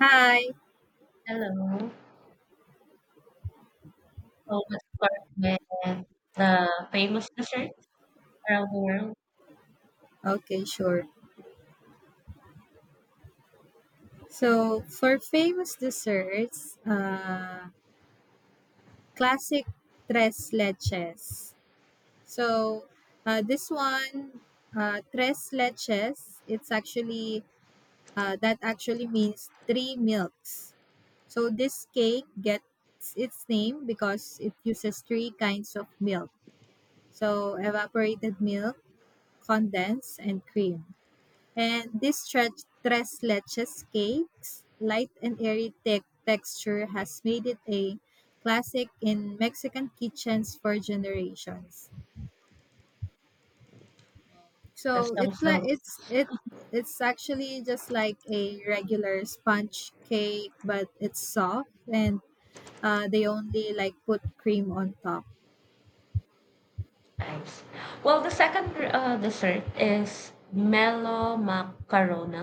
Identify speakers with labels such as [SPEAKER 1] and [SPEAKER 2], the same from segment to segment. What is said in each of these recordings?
[SPEAKER 1] Hi.
[SPEAKER 2] Hello. So let's start with the famous desserts around the world.
[SPEAKER 1] Okay, sure. So for famous desserts, classic tres leches. So uh, this one, tres leches, it's actually that actually means three milks. So this cake gets its name because it uses three kinds of milk. So evaporated milk, condensed, and cream. And this tres leches cake's light and airy texture has made it a classic in Mexican kitchens for generations.
[SPEAKER 2] That
[SPEAKER 1] So
[SPEAKER 2] sounds
[SPEAKER 1] it's like
[SPEAKER 2] delicious.
[SPEAKER 1] it's it it's actually just like a regular sponge cake, but it's soft and they only like put cream on top.
[SPEAKER 2] Nice. Well, the second dessert is Melo Macarona,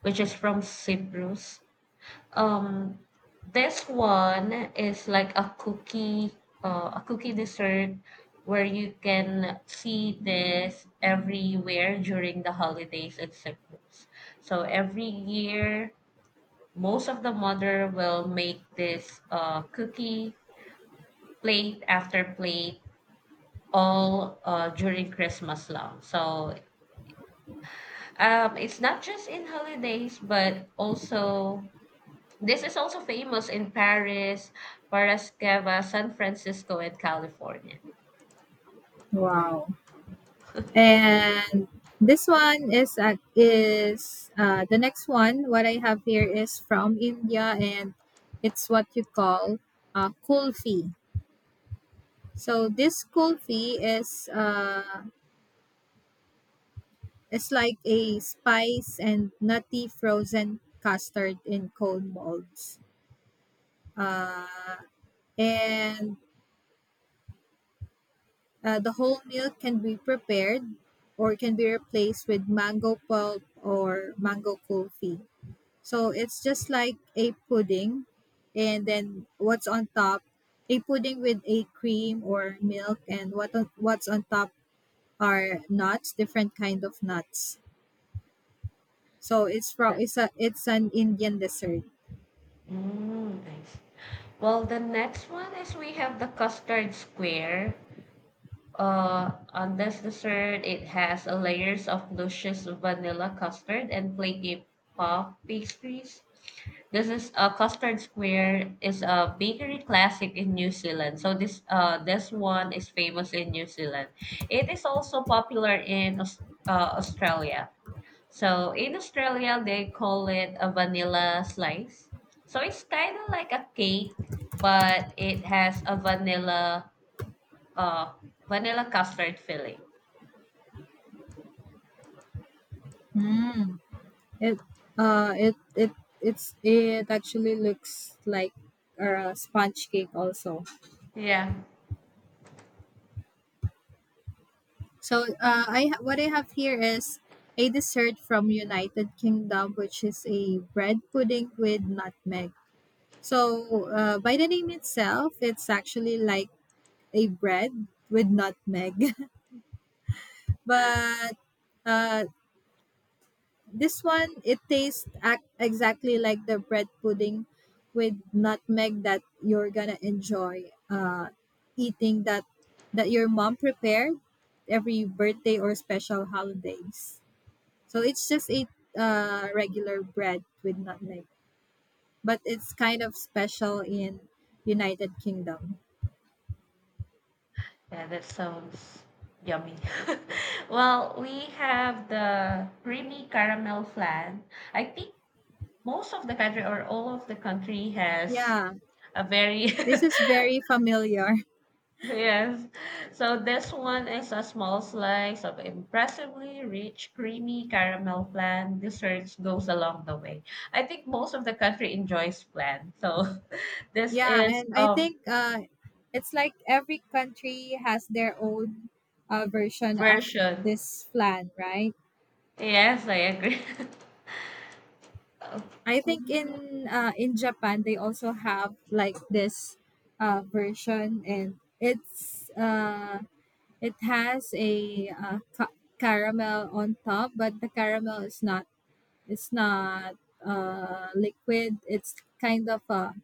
[SPEAKER 2] which is from Cyprus. Um, this one is like a cookie dessert where you can see this everywhere during the holidays in Cyprus. So every year most of the mother will make this cookie plate after plate all during christmas long, so it's not just in holidays but also this is also famous in paris Parasqueva, san francisco and california.
[SPEAKER 1] Wow. And this one is the next one. What I have here is from India, and it's what you call kulfi. So this kulfi is like a spice and nutty frozen custard in cone molds. Uh, and the whole milk can be prepared or can be replaced with mango pulp or mango kulfi. So it's just like a pudding, and then what's on top, a pudding with a cream or milk, and what's on top are nuts, different kind of nuts. So it's from
[SPEAKER 2] The-
[SPEAKER 1] it's a it's an Indian dessert.
[SPEAKER 2] mm, I well the next one is we have the custard square. On this dessert, it has a layers of luscious vanilla custard and flaky puff pastries. This is a custard square is a bakery classic in New Zealand. So this one is famous in New Zealand. It is also popular in Australia. So in Australia they call it a vanilla slice. So it's kind of like a cake, but it has a vanilla uh, vanilla custard filling.
[SPEAKER 1] Mm. It it it's it actually looks like a sponge cake also.
[SPEAKER 2] Yeah.
[SPEAKER 1] So I what I have here is a dessert from United Kingdom, which is a bread pudding with nutmeg. So, by the name itself, it's actually like a bread with nutmeg. But uh, this one, it tastes exactly like the bread pudding with nutmeg that you're gonna enjoy eating that your mom prepared every birthday or special holidays. So it's just a regular bread with nutmeg, but it's kind of special in United Kingdom.
[SPEAKER 2] Yeah, that sounds yummy. Well, we have the creamy caramel flan. I think most of the country or all of the country has
[SPEAKER 1] Yeah.
[SPEAKER 2] a very,
[SPEAKER 1] This is very familiar.
[SPEAKER 2] yes. So this one is a small slice of impressively rich creamy caramel flan. Desserts goes along the way. I think most of the country enjoys flan. So this
[SPEAKER 1] Yeah,
[SPEAKER 2] is
[SPEAKER 1] and I
[SPEAKER 2] a
[SPEAKER 1] think it's like every country has their own version of
[SPEAKER 2] version.
[SPEAKER 1] this plan, right?
[SPEAKER 2] Yes, I agree.
[SPEAKER 1] I
[SPEAKER 2] Okay.
[SPEAKER 1] think in Japan they also have like this version, and it's it has a caramel on top, but the caramel is not it's not liquid. It's kind of a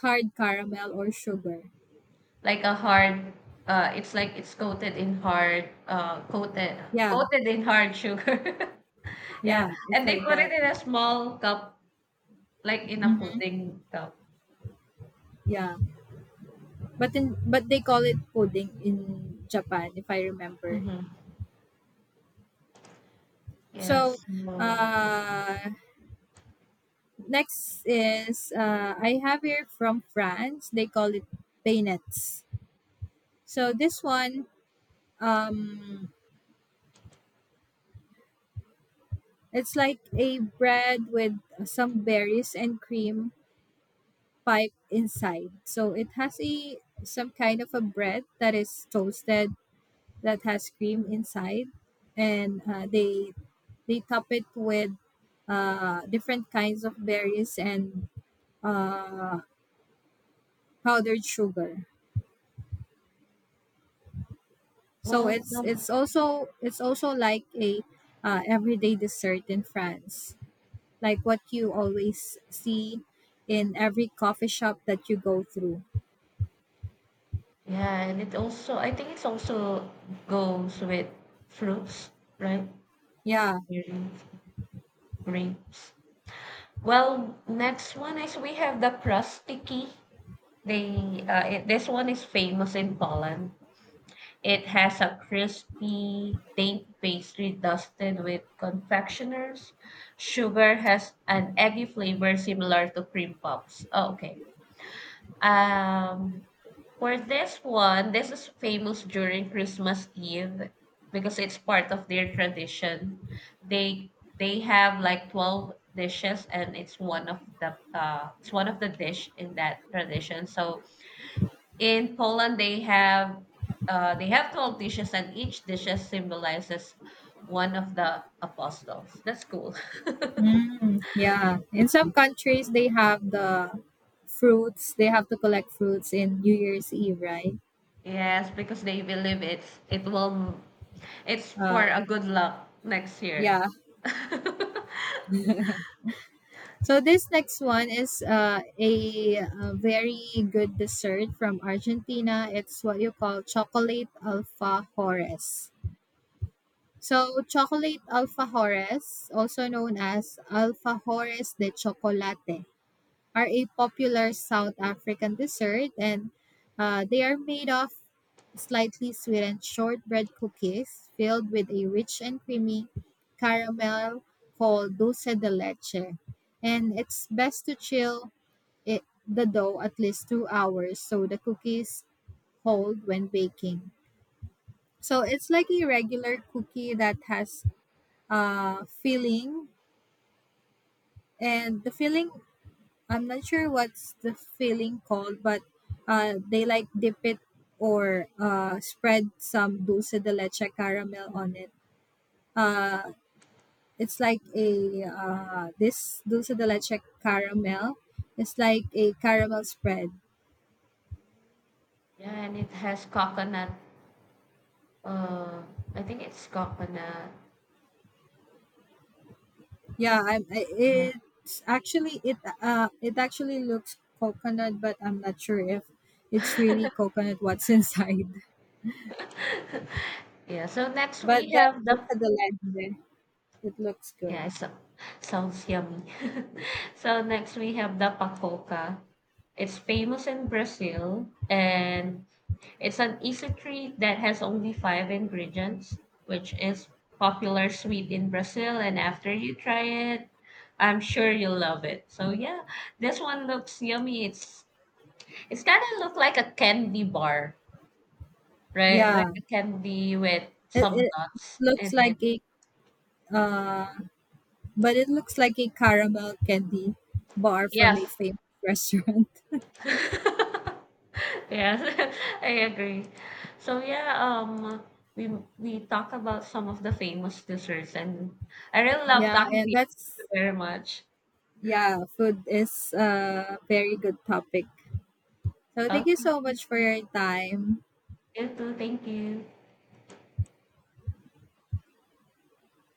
[SPEAKER 1] hard caramel or sugar.
[SPEAKER 2] Like a hard, it's like it's coated in hard,
[SPEAKER 1] Yeah,
[SPEAKER 2] coated in hard sugar. Yeah,
[SPEAKER 1] yeah, it's
[SPEAKER 2] and they
[SPEAKER 1] like
[SPEAKER 2] put it
[SPEAKER 1] that.
[SPEAKER 2] in a small cup, like in a
[SPEAKER 1] Mhm.
[SPEAKER 2] pudding cup.
[SPEAKER 1] Yeah, but in but they call it pudding in Japan, if I remember.
[SPEAKER 2] Mm-hmm.
[SPEAKER 1] So,
[SPEAKER 2] Yes. No.
[SPEAKER 1] uh, next is I have here from France. They call it painettes. So this one, um, it's like a bread with some berries and cream pipe inside. So it has a some kind of a bread that is toasted that has cream inside, and they top it with different kinds of berries and uh, powdered sugar. So
[SPEAKER 2] Well,
[SPEAKER 1] it's
[SPEAKER 2] no.
[SPEAKER 1] it's also it's also like a everyday dessert in France, like what you always see in every coffee shop that you go through.
[SPEAKER 2] Yeah, and it also, I think it's also goes with fruits, right?
[SPEAKER 1] Yeah,
[SPEAKER 2] Berries, grapes. Well, next one is we have the crusty key. This one is famous in Poland. It has a crispy, dainty pastry dusted with confectioners. Sugar has an eggy flavor similar to cream puffs. Oh, okay. Um, for this one, this is famous during Christmas Eve because it's part of their tradition. They they have like 12 dishes and it's one of the it's one of the dish in that tradition. So in Poland, they have 12 dishes, and each dishes symbolizes one of the apostles. That's cool.
[SPEAKER 1] mm, yeah. In some countries, they have the fruits. They have to collect fruits in New Year's Eve, right?
[SPEAKER 2] Yes, because they believe it will, it's
[SPEAKER 1] Uh,
[SPEAKER 2] for a good luck next year.
[SPEAKER 1] yeah. So this next one is a very good dessert from Argentina. It's what you call chocolate alfajores. So chocolate alfajores, also known as alfajores de chocolate, are a popular South African dessert, and they are made of slightly sweetened shortbread cookies filled with a rich and creamy caramel called dulce de leche. And it's best to chill it, the dough at least 2 hours so the cookies hold when baking. So it's like a regular cookie that has filling, and the filling I'm not sure what's the feeling called, but they like dip it or spread some dulce de leche caramel on it. Uh, it's like a this dulce de leche caramel. It's like a caramel spread.
[SPEAKER 2] Yeah, and it has coconut. Uh, I think it's coconut.
[SPEAKER 1] Yeah, it's actually it actually looks coconut, but I'm not sure if it's really coconut what's inside.
[SPEAKER 2] Yeah. So next
[SPEAKER 1] But
[SPEAKER 2] we
[SPEAKER 1] that
[SPEAKER 2] have the,
[SPEAKER 1] dulce de leche, it looks good.
[SPEAKER 2] yeah, so sounds yummy. So next we have the pacoca. It's famous in Brazil and it's an easy treat that has only five ingredients, which is popular sweet in Brazil. And after you try it, I'm sure you'll love it. So yeah, this one looks yummy. It's kind of look like a candy bar, right? Like
[SPEAKER 1] Yeah.
[SPEAKER 2] a candy with
[SPEAKER 1] It,
[SPEAKER 2] some
[SPEAKER 1] it
[SPEAKER 2] nuts
[SPEAKER 1] looks
[SPEAKER 2] in it.
[SPEAKER 1] like a uh, but it looks like a caramel candy bar from
[SPEAKER 2] Yes.
[SPEAKER 1] a famous restaurant.
[SPEAKER 2] Yes, I agree. So yeah, we we talk about some of the famous desserts, and I really love
[SPEAKER 1] Yeah,
[SPEAKER 2] talking to
[SPEAKER 1] and
[SPEAKER 2] you. Thank you very much.
[SPEAKER 1] food is a very good topic. So
[SPEAKER 2] Okay,
[SPEAKER 1] thank you so much for your time.
[SPEAKER 2] you too. Thank you.